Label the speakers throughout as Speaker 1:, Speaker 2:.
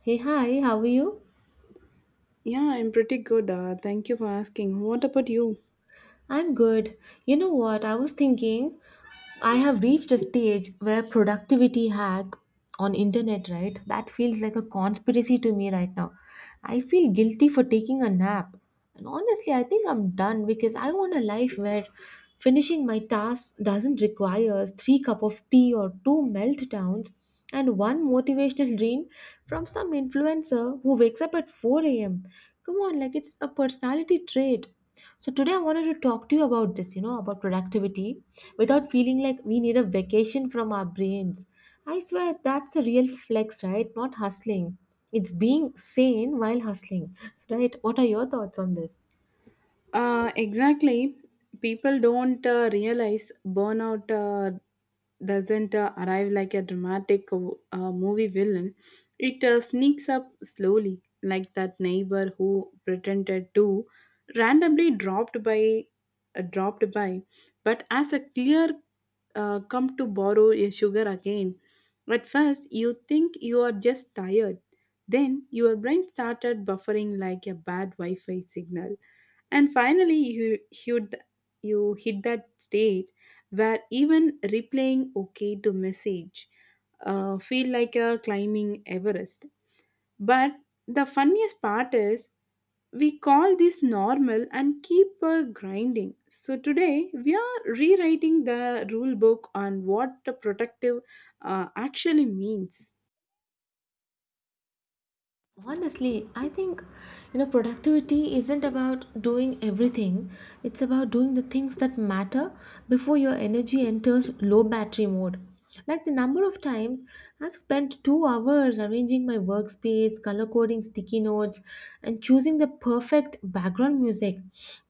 Speaker 1: Hey, hi, how are you?
Speaker 2: Yeah, I'm pretty good. Thank you for asking. What about you?
Speaker 1: I'm good. You know what? I was thinking, I have reached a stage where productivity hack on internet, right? That feels like a conspiracy to me right now. I feel guilty for taking a nap. And honestly, I think I'm done because I want a life where finishing my task doesn't require three cup of tea or two meltdowns and one motivational dream from some influencer who wakes up at 4 a.m. Come on, like it's a personality trait. So today I wanted to talk to you about this about productivity without feeling like we need a vacation from our brains. I swear that's the real flex, right? Not hustling. It's being sane while hustling, right? What are your thoughts on this?
Speaker 2: Exactly. People don't realize burnout doesn't arrive like a dramatic movie villain. It sneaks up slowly, like that neighbor who pretended to randomly dropped by, uh, dropped by. But as a clear come to borrow your sugar again. At first, you think you are just tired. Then your brain started buffering like a bad Wi Fi signal. And finally, you, you hit that stage where even replaying OK to message feel like a climbing Everest. But the funniest part is we call this normal and keep grinding. So today we are rewriting the rule book on what the protective actually means.
Speaker 1: Honestly, I think you know productivity isn't about doing everything. It's about doing the things that matter before your energy enters low battery mode. Like the number of times I've spent 2 hours arranging my workspace, color coding sticky notes and choosing the perfect background music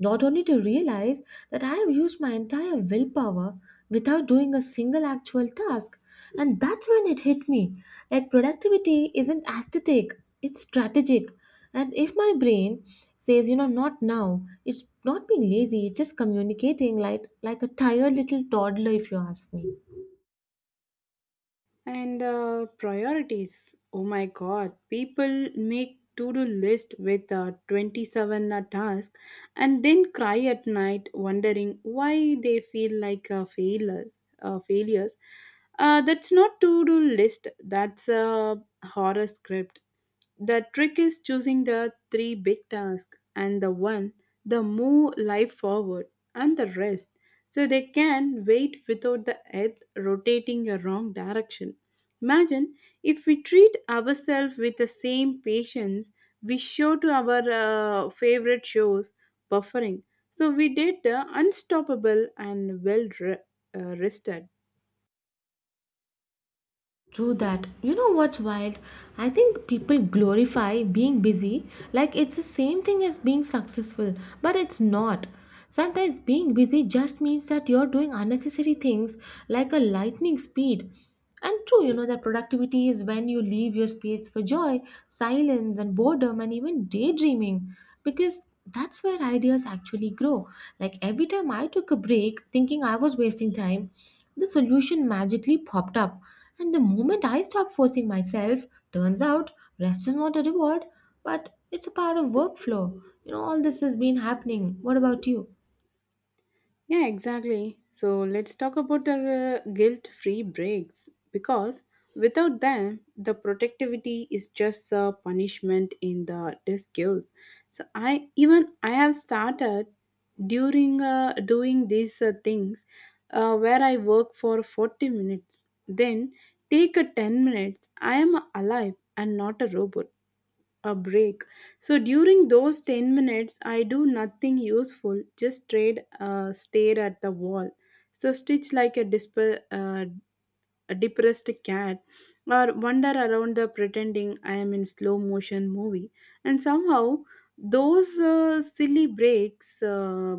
Speaker 1: not only to realize that I have used my entire willpower without doing a single actual task. And that's when it hit me. Like, productivity isn't aesthetic, it's strategic. And if my brain says, you know, not now, it's not being lazy, it's just communicating like, a tired little toddler, if you ask me.
Speaker 2: And priorities. Oh my god, people make to-do list with 27 tasks and then cry at night wondering why they feel like failures. That's not to-do list. That's a horror script. The trick is choosing the three big tasks and the one the move life forward and the rest so they can wait without the earth rotating a wrong direction. Imagine if we treat ourselves with the same patience we show to our favorite shows, buffering. So we did unstoppable and well rested.
Speaker 1: True that. You know what's wild? I think people glorify being busy like it's the same thing as being successful, but it's not. Sometimes being busy just means that you're doing unnecessary things like a lightning speed. And true, you know that productivity is when you leave your space for joy, silence, and boredom, and even daydreaming, because that's where ideas actually grow. Like every time I took a break thinking I was wasting time, the solution magically popped up, and the moment I stopped forcing myself, turns out rest is not a reward, but it's a part of workflow. You know, all this has been happening. What about you?
Speaker 2: Yeah, exactly. So let's talk about the guilt free breaks because without them, the protectivity is just a punishment in the disguise. So I have started during doing these things where I work for 40 minutes, then take a 10 minutes. I am alive and not a robot a break. So during those 10 minutes, I do nothing useful, just trade, stare at the wall. So stitch like a, a depressed cat or wander around the pretending I am in slow motion movie. And somehow those silly breaks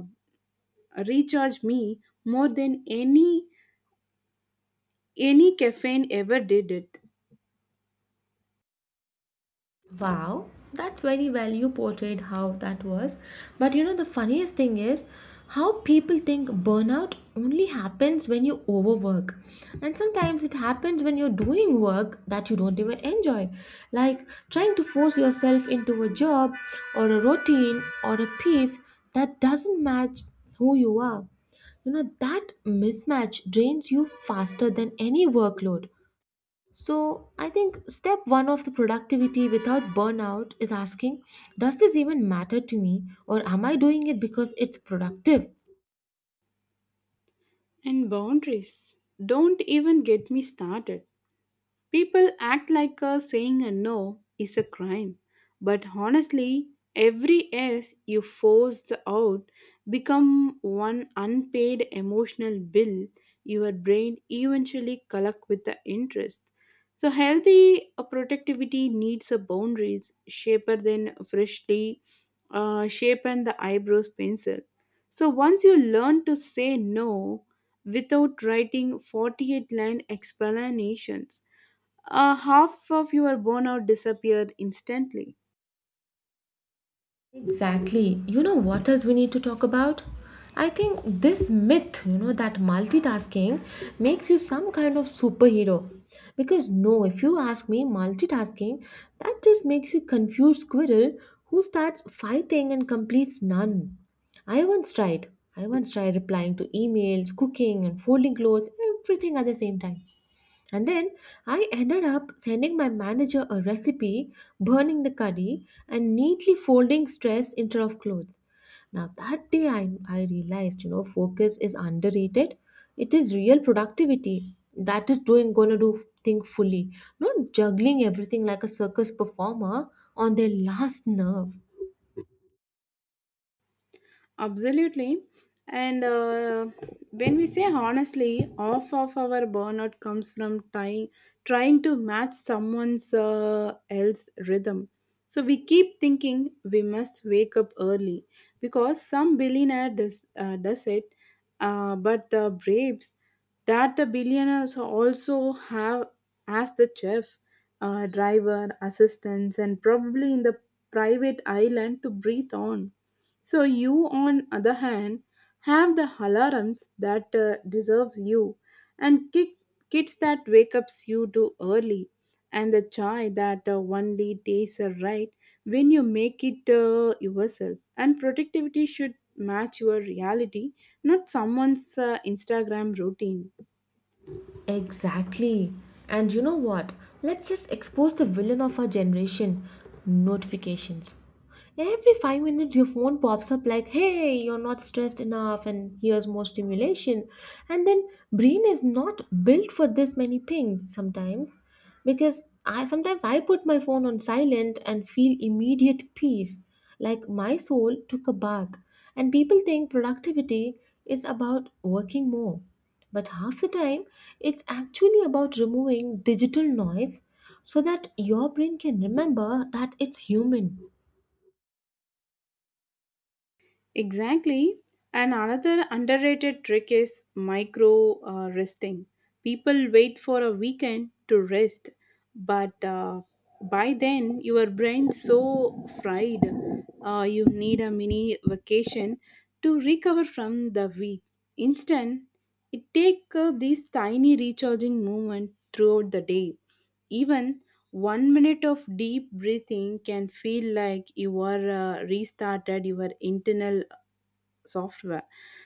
Speaker 2: recharge me more than any caffeine ever did it.
Speaker 1: Wow, that's very well you portrayed how that was. But you know, the funniest thing is how people think burnout only happens when you overwork. And sometimes it happens when you're doing work that you don't even enjoy, like trying to force yourself into a job or a routine or a piece that doesn't match who you are. You know, that mismatch drains you faster than any workload. So, I think step one of the productivity without burnout is asking, does this even matter to me, or am I doing it because it's productive?
Speaker 2: And boundaries don't even get me started. People act like saying a no is a crime, but honestly, every yes you force out become one unpaid emotional bill your brain eventually collect with the interest. So healthy productivity needs a boundaries shaper than freshly shapen the eyebrows pencil. So once you learn to say no without writing 48 line explanations half of your burnout disappeared instantly.
Speaker 1: Exactly. You know what else we need to talk about? I think this myth, you know, that multitasking makes you some kind of superhero. Because no, if you ask me, multitasking, that just makes you confused squirrel who starts fighting and completes none. I once tried. I once tried replying to emails, cooking and folding clothes, everything at the same time. And then I ended up sending my manager a recipe, burning the curry, and neatly folding stress instead of clothes. Now, that day I realized, you know, focus is underrated. It is real productivity that is doing going to do thing fully, not juggling everything like a circus performer on their last nerve.
Speaker 2: Absolutely. And when we say honestly, half of our burnout comes from trying to match someone's else rhythm. So we keep thinking we must wake up early because some billionaire does it, but the braves that the billionaires also have as the chef, driver, assistants, and probably in the private island to breathe on. So you, on other hand, have the alarms that deserves you, and kids that wake ups you too early, and the chai that only tastes right when you make it yourself. And productivity should match your reality, not someone's Instagram routine.
Speaker 1: Exactly. And you know what? Let's just expose the villain of our generation notifications. Every 5 minutes, your phone pops up like, hey, you're not stressed enough, and here's more stimulation. And then, brain is not built for this many pings sometimes because I put my phone on silent and feel immediate peace, like my soul took a bath. And people think productivity is about working more, but half the time it's actually about removing digital noise so that your brain can remember that it's human.
Speaker 2: Exactly. And another underrated trick is micro resting. People wait for a weekend to rest, but by then your brain's so fried. You need a mini vacation to recover from the week. Instead, it take these tiny recharging movement throughout the day. Even 1 minute of deep breathing can feel like you are restarted your internal software.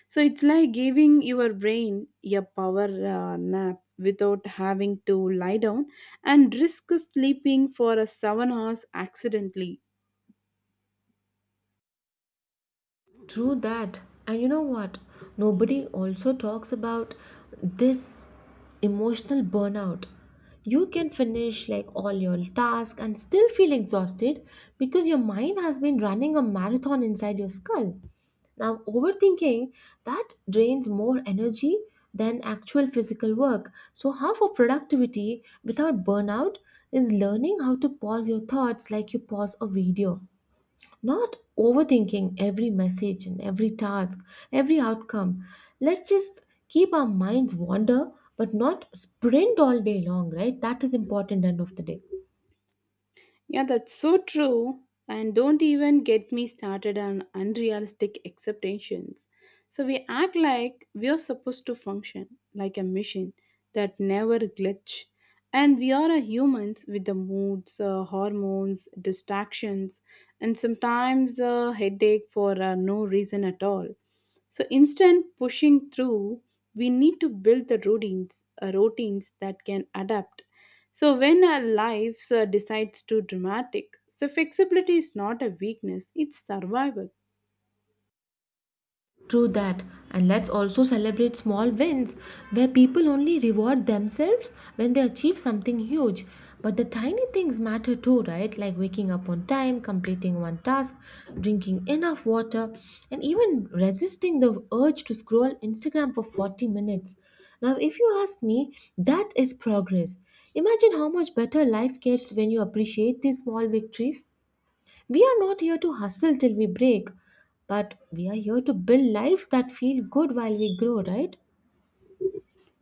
Speaker 2: So it's like giving your brain a power nap without having to lie down and risk sleeping for a 7 hours accidentally.
Speaker 1: True that. And you know what? Nobody also talks about this emotional burnout. You can finish like all your tasks and still feel exhausted because your mind has been running a marathon inside your skull. Now, overthinking that drains more energy than actual physical work. So, half of productivity without burnout is learning how to pause your thoughts like you pause a video. Not overthinking every message and every task, every outcome. Let's just keep our minds wander but not sprint all day long, right? That is important end of the day.
Speaker 2: Yeah, that's so true. And don't even get me started on unrealistic expectations. So we act like we are supposed to function like a machine that never glitch. And we are a humans with the moods, hormones, distractions, and sometimes a headache for no reason at all. So instant pushing through, we need to build the routines that can adapt. So when our lives decides to dramatic, so flexibility is not a weakness; it's survival.
Speaker 1: True that. And let's also celebrate small wins where people only reward themselves when they achieve something huge. But the tiny things matter too, right? Like waking up on time, completing one task, drinking enough water, and even resisting the urge to scroll Instagram for 40 minutes. Now, if you ask me, that is progress. Imagine how much better life gets when you appreciate these small victories. We are not here to hustle till we break, but we are here to build lives that feel good while we grow, right?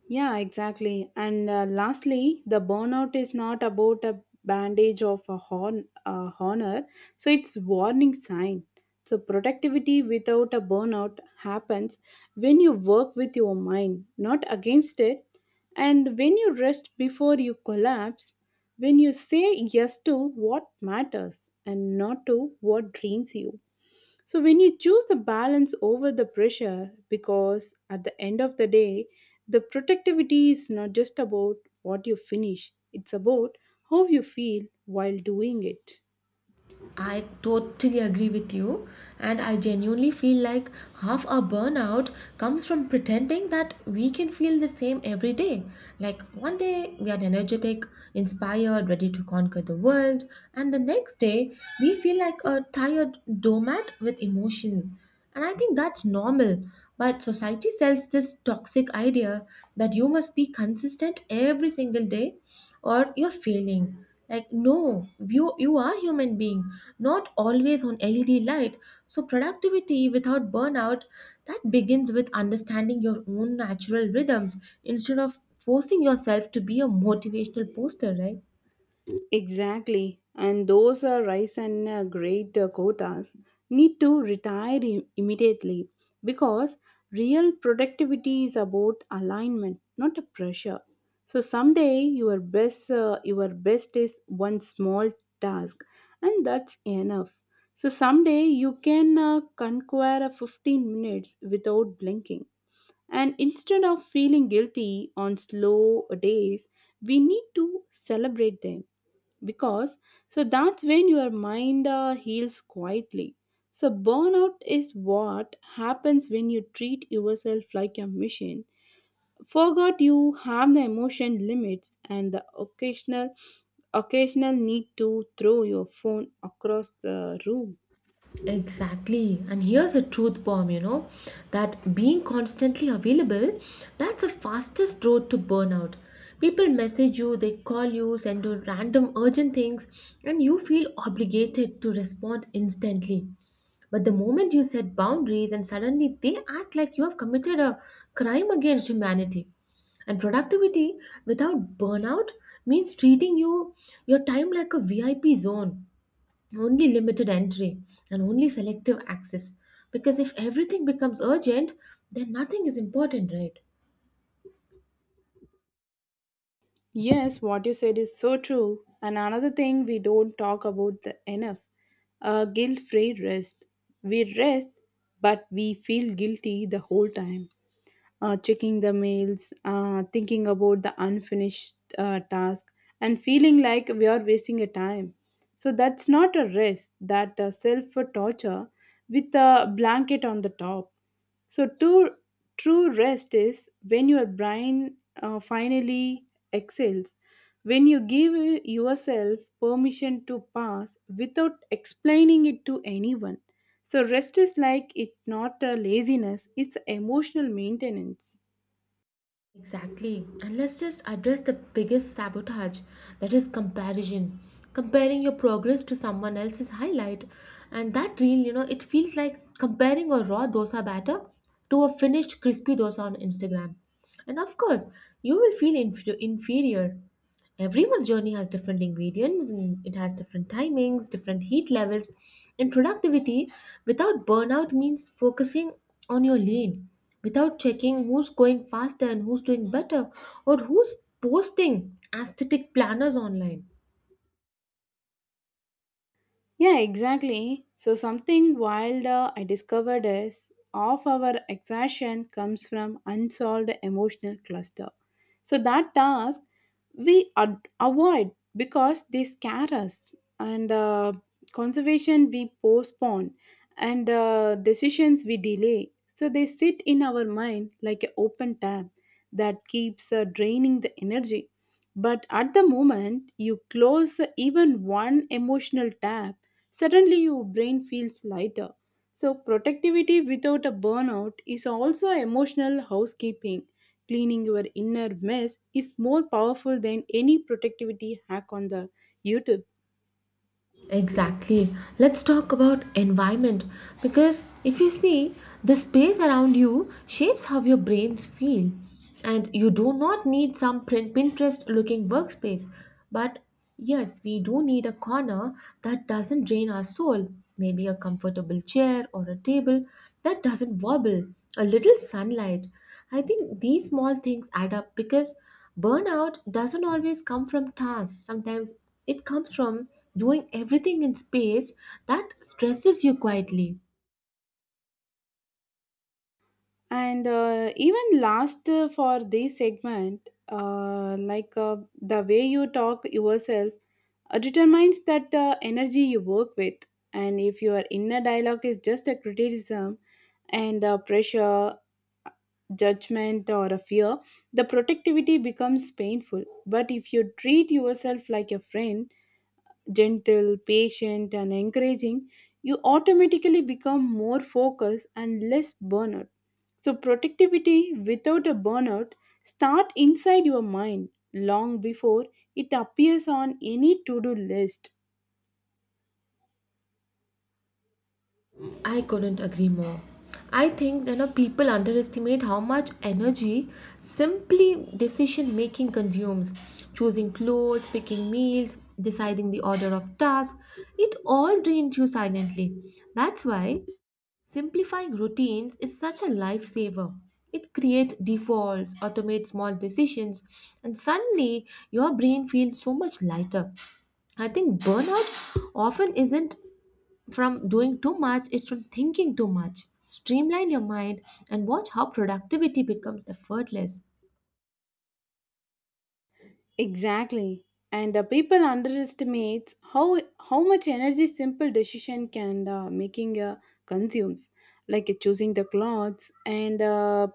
Speaker 2: Yeah, exactly. And lastly, the burnout is not about a bandage of a horn, a honor. So it's warning sign. So productivity without a burnout happens when you work with your mind, not against it, and when you rest before you collapse, when you say yes to what matters and not to what drains you. So when you choose the balance over the pressure, because at the end of the day, the productivity is not just about what you finish, it's about how you feel while doing it.
Speaker 1: I totally agree with you, and I genuinely feel like half our burnout comes from pretending that we can feel the same every day. Like one day we are energetic, inspired, ready to conquer the world, and the next day we feel like a tired doormat with emotions. And I think that's normal. But society sells this toxic idea that you must be consistent every single day or you're failing. Like no, you are human being, not always on LED light. So productivity without burnout that begins with understanding your own natural rhythms instead of forcing yourself to be a motivational poster, right?
Speaker 2: Exactly, and those rice and great quotas need to retire immediately because real productivity is about alignment, not a pressure. So someday your best is one small task, and that's enough. So someday you can conquer a 15 minutes without blinking. And instead of feeling guilty on slow days, we need to celebrate them because so that's when your mind heals quietly. So burnout is what happens when you treat yourself like a machine, forgot you have the emotion limits and the occasional need to throw your phone across the room.
Speaker 1: Exactly. And here's a truth bomb, you know, that being constantly available, that's the fastest road to burnout. People message you, they call you, send you random urgent things, and you feel obligated to respond instantly. But the moment you set boundaries and suddenly they act like you have committed a crime against humanity. And productivity without burnout means treating your time like a VIP zone, only limited entry and only selective access, because if everything becomes urgent then nothing is important, right?
Speaker 2: Yes, what you said is so true. And another thing we don't talk about the enough guilt free rest. We rest but we feel guilty the whole time, checking the mails, thinking about the unfinished task, and feeling like we are wasting a time. So that's not a rest, that self torture with a blanket on the top. So, true rest is when your brain finally excels, when you give yourself permission to pass without explaining it to anyone. So, rest is like it's not a laziness, it's emotional maintenance.
Speaker 1: Exactly. And let's just address the biggest sabotage, that is comparison, comparing your progress to someone else's highlight and that reel. You know, it feels like comparing a raw dosa batter to a finished crispy dosa on Instagram. And of course you will feel inferior. Everyone's journey has different ingredients and it has different timings, different heat levels. And productivity without burnout means focusing on your lane without checking who's going faster and who's doing better or who's posting aesthetic planners online.
Speaker 2: Yeah, exactly. So, something wild I discovered is of our exhaustion comes from unsolved emotional cluster. So, that task we avoid because they scare us, and conservation we postpone, and decisions we delay. So, they sit in our mind like an open tab that keeps draining the energy. But at the moment you close even one emotional tab, suddenly your brain feels lighter. So, productivity without a burnout is also emotional housekeeping. Cleaning your inner mess is more powerful than any productivity hack on the YouTube.
Speaker 1: Exactly. Let's talk about environment because if you see, the space around you shapes how your brains feel. And you do not need some Pinterest looking workspace. But yes, we do need a corner that doesn't drain our soul. Maybe a comfortable chair or a table that doesn't wobble, a little sunlight. I think these small things add up because burnout doesn't always come from tasks, sometimes it comes from doing everything in space that stresses you quietly.
Speaker 2: And even last for this segment, uh, like uh, the way you talk yourself determines that the energy you work with, and if your inner dialogue is just a criticism and pressure, judgment or a fear, the productivity becomes painful. But if you treat yourself like a friend, gentle, patient and encouraging, you automatically become more focused and less burnout. So productivity without a burnout start inside your mind long before it appears on any to-do list.
Speaker 1: I couldn't agree more. I think you know people underestimate how much energy simply decision making consumes. Choosing clothes, picking meals, deciding the order of tasks, it all drains you silently. That's why simplifying routines is such a lifesaver. It creates defaults, automates small decisions, and suddenly your brain feels so much lighter. I think burnout often isn't from doing too much, it's from thinking too much. Streamline your mind and watch how productivity becomes effortless.
Speaker 2: Exactly. And the people underestimates how much energy simple decision can making consumes, like choosing the clothes and uh,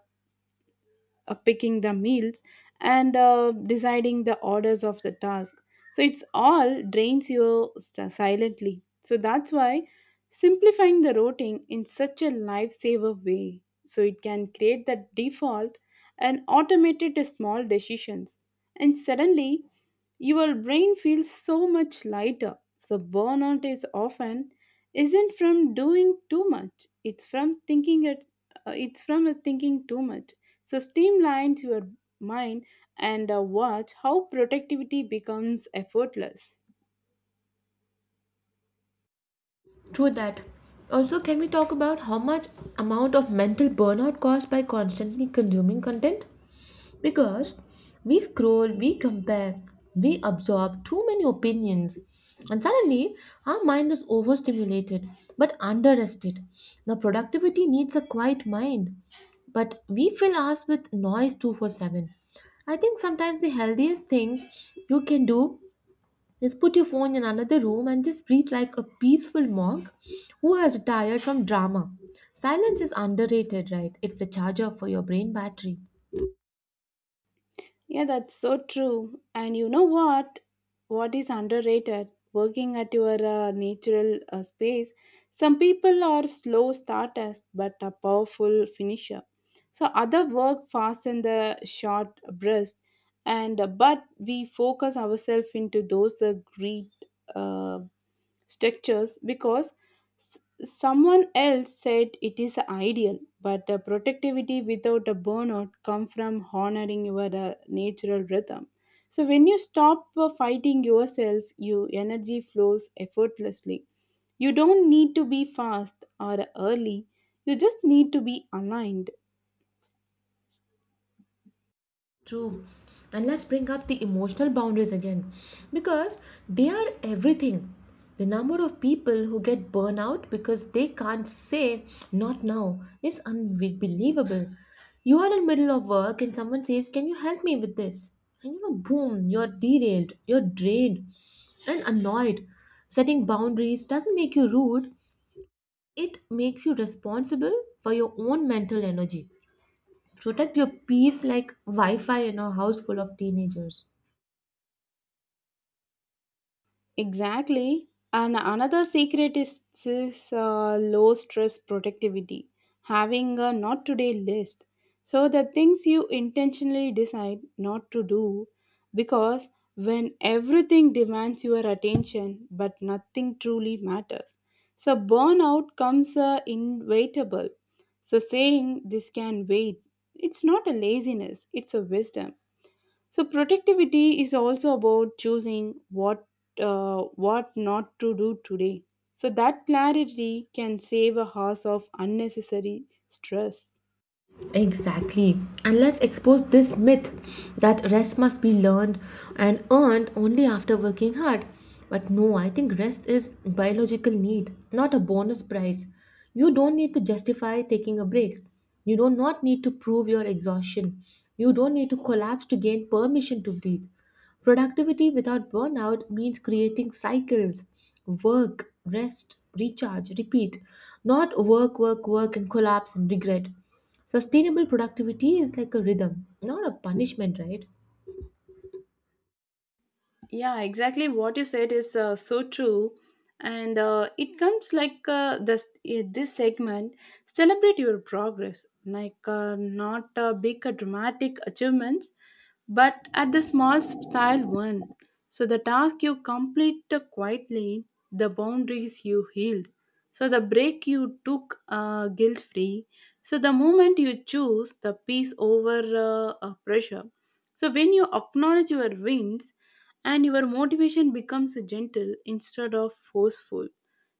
Speaker 2: uh, picking the meals and deciding the orders of the task. So it's all drains you silently. So that's why simplifying the routing in such a lifesaver way. So it can create that default and automated small decisions. And suddenly your brain feels so much lighter. So burnout is often isn't from doing too much. It's from thinking it. It's from thinking too much. So streamlines your mind and watch how productivity becomes effortless.
Speaker 1: True that. Also, can we talk about how much amount of mental burnout caused by constantly consuming content? Because we scroll, we compare, we absorb too many opinions, and suddenly our mind is overstimulated but underrested. Now, productivity needs a quiet mind, but we fill ours with noise 24/7. I think sometimes the healthiest thing you can do is put your phone in another room and just breathe like a peaceful monk who has retired from drama. Silence is underrated, right? It's the charger for your brain battery.
Speaker 2: Yeah, that's so true. And you know what? What is underrated? Working at your natural space. Some people are slow starters but a powerful finisher. So other work fast in the short burst, and but we focus ourselves into those great. Uh, Structures because s- someone else said it is ideal, but the productivity without a burnout come from honoring your natural rhythm. So when you stop fighting yourself, your energy flows effortlessly. You don't need to be fast or early, you just need to be aligned.
Speaker 1: True. And let's bring up the emotional boundaries again because they are everything. The number of people who get burnout because they can't say not now is unbelievable. You are in middle of work and someone says, can you help me with this? And you know, boom, you're derailed, you're drained and annoyed. Setting boundaries doesn't make you rude, it makes you responsible for your own mental energy. Protect your peace like wi-fi in a house full of teenagers.
Speaker 2: Exactly. And another secret is this low stress productivity, having a not today list. So, the things you intentionally decide not to do, because when everything demands your attention but nothing truly matters. So, burnout comes inevitable. So, saying this can wait, it's not a laziness, it's a wisdom. So productivity is also about choosing what not to do today. So that clarity can save a house of unnecessary stress.
Speaker 1: Exactly. And let's expose this myth that rest must be learned and earned only after working hard. But no, I think rest is biological need, not a bonus prize. You don't need to justify taking a break. You do not need to prove your exhaustion. You don't need to collapse to gain permission to breathe. Productivity without burnout means creating cycles, work, rest, recharge, repeat, not work, work, work, and collapse and regret. Sustainable productivity is like a rhythm, not a punishment, right?
Speaker 2: Yeah, exactly what you said is so true. And it comes like this segment, celebrate your progress, like not big dramatic achievements, but at the small style one. So the task you complete quietly, the boundaries you healed. So the break you took guilt free. So the moment you choose the peace over pressure. So when you acknowledge your wins and your motivation becomes gentle instead of forceful.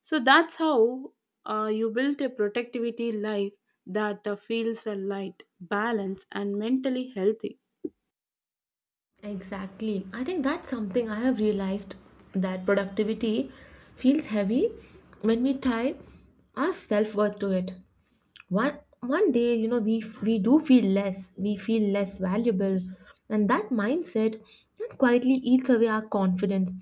Speaker 2: So that's how you build a productivity life that feels light, balanced, and mentally healthy.
Speaker 1: Exactly. I think that's something I have realized that productivity feels heavy when we tie our self-worth to it. One one day, we do feel less, we feel less valuable, and that mindset that quietly eats away our confidence.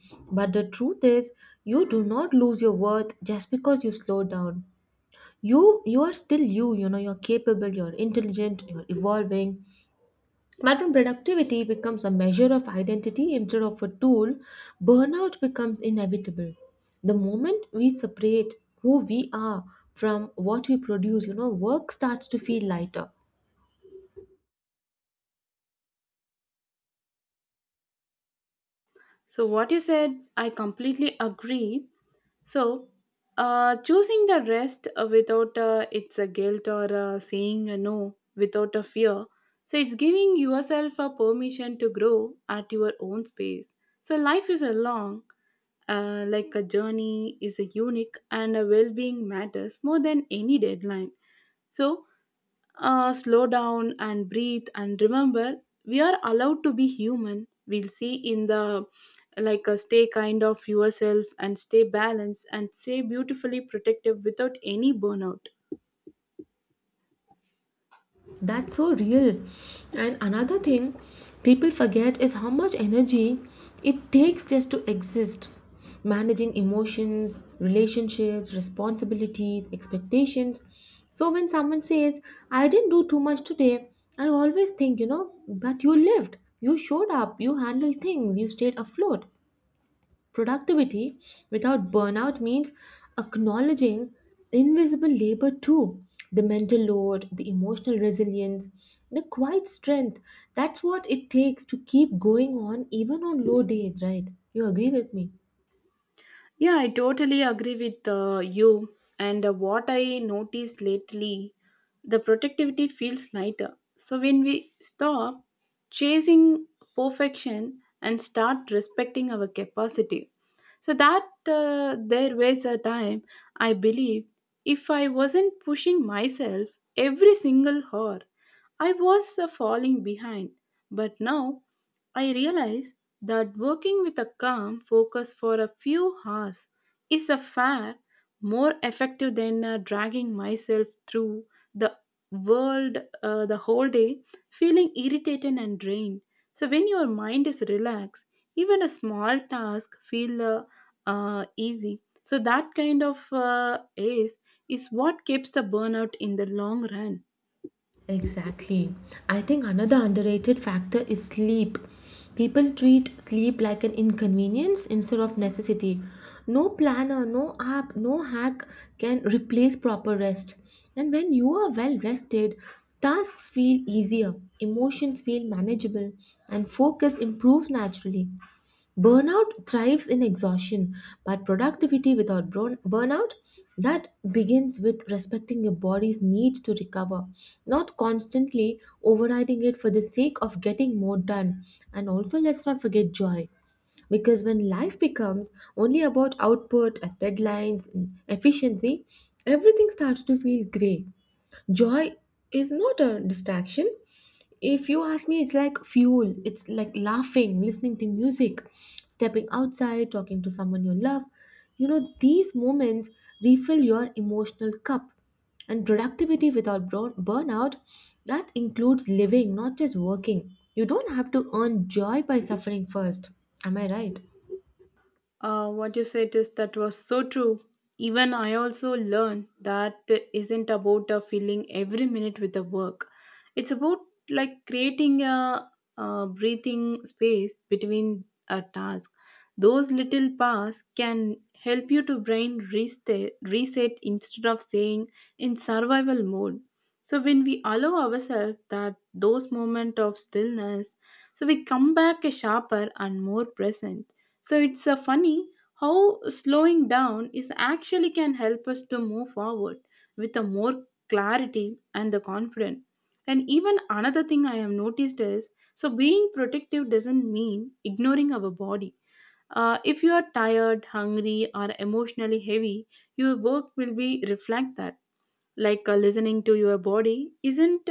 Speaker 1: But the truth is, you do not lose your worth just because you slow down. You are still you you know You're capable, you're intelligent, you're evolving. But when productivity becomes a measure of identity instead of a tool, burnout becomes inevitable. The moment we separate who we are from what we produce, work starts to feel lighter.
Speaker 2: So, what you said, I completely agree. So, choosing the rest without it's a guilt or saying a no without a fear. So, it's giving yourself a permission to grow at your own space. So, life is a long, like a journey is a unique, and a well-being matters more than any deadline. So, slow down and breathe and remember we are allowed to be human. We'll see in the like a stay kind of yourself and stay balanced and stay beautifully protective without any burnout.
Speaker 1: That's so real. And another thing people forget is how much energy it takes just to exist. Managing emotions, relationships, responsibilities, expectations. So when someone says, I didn't do too much today, I always think, but you lived, you showed up, you handled things, you stayed afloat. Productivity without burnout means acknowledging invisible labor too, the mental load, the emotional resilience, the quiet strength. That's what it takes to keep going on even on low days, right? You agree with me?
Speaker 2: Yeah, I totally agree with you. And what I noticed lately, the productivity feels lighter. So when we stop chasing perfection and start respecting our capacity, so that there was a time I believe if I wasn't pushing myself every single hour, I was falling behind. But now I realize that working with a calm focus for a few hours is a far more effective than dragging myself through the world the whole day feeling irritated and drained. So when your mind is relaxed, even a small task feel easy. So that kind of ace is what keeps the burnout in the long run.
Speaker 1: Exactly. I think another underrated factor is sleep. People treat sleep like an inconvenience instead of necessity. No planner, no app, no hack can replace proper rest. And when you are well rested, tasks feel easier, emotions feel manageable, and focus improves naturally. Burnout thrives in exhaustion, but productivity without burnout, that begins with respecting your body's need to recover, not constantly overriding it for the sake of getting more done. And also, let's not forget joy, because when life becomes only about output and deadlines and efficiency, everything starts to feel gray. Joy is not a distraction, if you ask me, it's like fuel. It's like laughing, listening to music, stepping outside, talking to someone you love. These moments refill your emotional cup. And productivity without burnout, that includes living, not just working. You don't have to earn joy by suffering first. Am I right?
Speaker 2: What you said is that was so true. Even I also learned that isn't about filling every minute with the work. It's about like creating a, breathing space between a task. Those little paths can help you to brain reset instead of saying in survival mode. So when we allow ourselves that those moment of stillness, so we come back a sharper and more present. So it's a funny how slowing down is actually can help us to move forward with a more clarity and the confidence. And even another thing I have noticed is so being protective doesn't mean ignoring our body. If you are tired, hungry, or emotionally heavy, your work will be reflect that like listening to your body isn't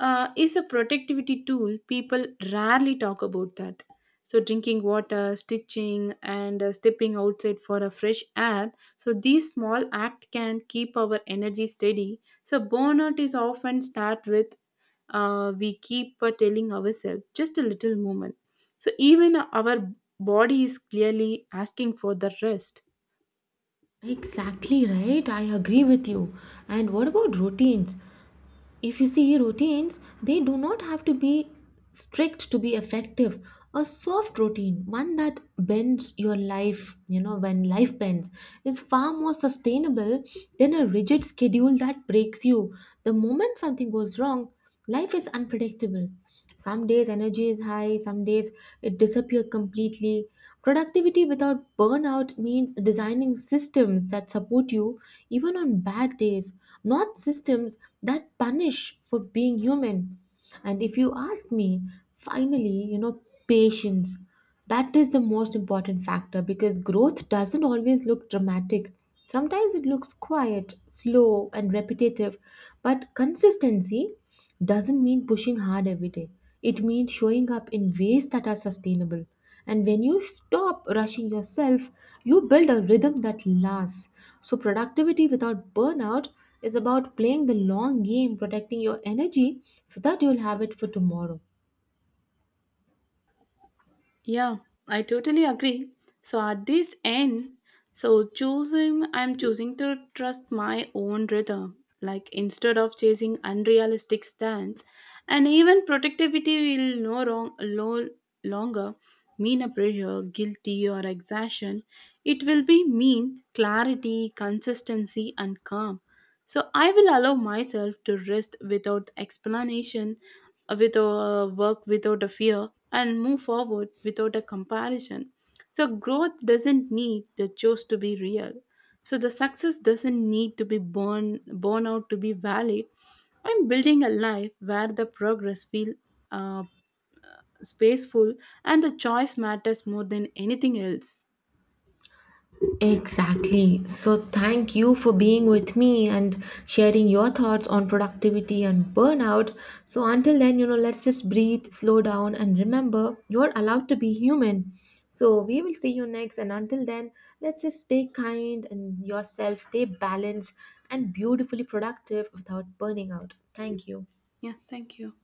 Speaker 2: is a productivity tool people rarely talk about that. So drinking water, stitching and stepping outside for a fresh air, so these small acts can keep our energy steady. So burnout is often start with we keep telling ourselves just a little moment, so even our body is clearly asking for the rest.
Speaker 1: Exactly right. I agree with you. And what about routines? If you see routines, they do not have to be strict to be effective. A soft routine, one that bends your life, when life bends, is far more sustainable than a rigid schedule that breaks you the moment something goes wrong. Life is unpredictable. Some days energy is high, some days it disappears completely. Productivity without burnout means designing systems that support you even on bad days, not systems that punish for being human. And if you ask me, finally, patience. That is the most important factor because growth doesn't always look dramatic. Sometimes it looks quiet, slow, and repetitive, but consistency doesn't mean pushing hard every day. It means showing up in ways that are sustainable. And when you stop rushing yourself, you build a rhythm that lasts. So, productivity without burnout is about playing the long game, protecting your energy so that you'll have it for tomorrow.
Speaker 2: Yeah, I totally agree. So at this end, so I'm choosing to trust my own rhythm. Like instead of chasing unrealistic stands, and even productivity will no longer mean a pressure, guilty or exhaustion. It will be mean clarity, consistency, and calm. So I will allow myself to rest without explanation with a work without a fear and move forward without a comparison. So growth doesn't need the choice to be real, so the success doesn't need to be born out to be valid. I'm building a life where the progress feel uh, spaceful and the choice matters more than anything else.
Speaker 1: Exactly. So, thank you for being with me and sharing your thoughts on productivity and burnout. So, until then, let's just breathe, slow down, and remember you're allowed to be human. So, we will see you next. And until then, let's just stay kind and yourself, stay balanced and beautifully productive without burning out. Thank you.
Speaker 2: Yeah, thank you.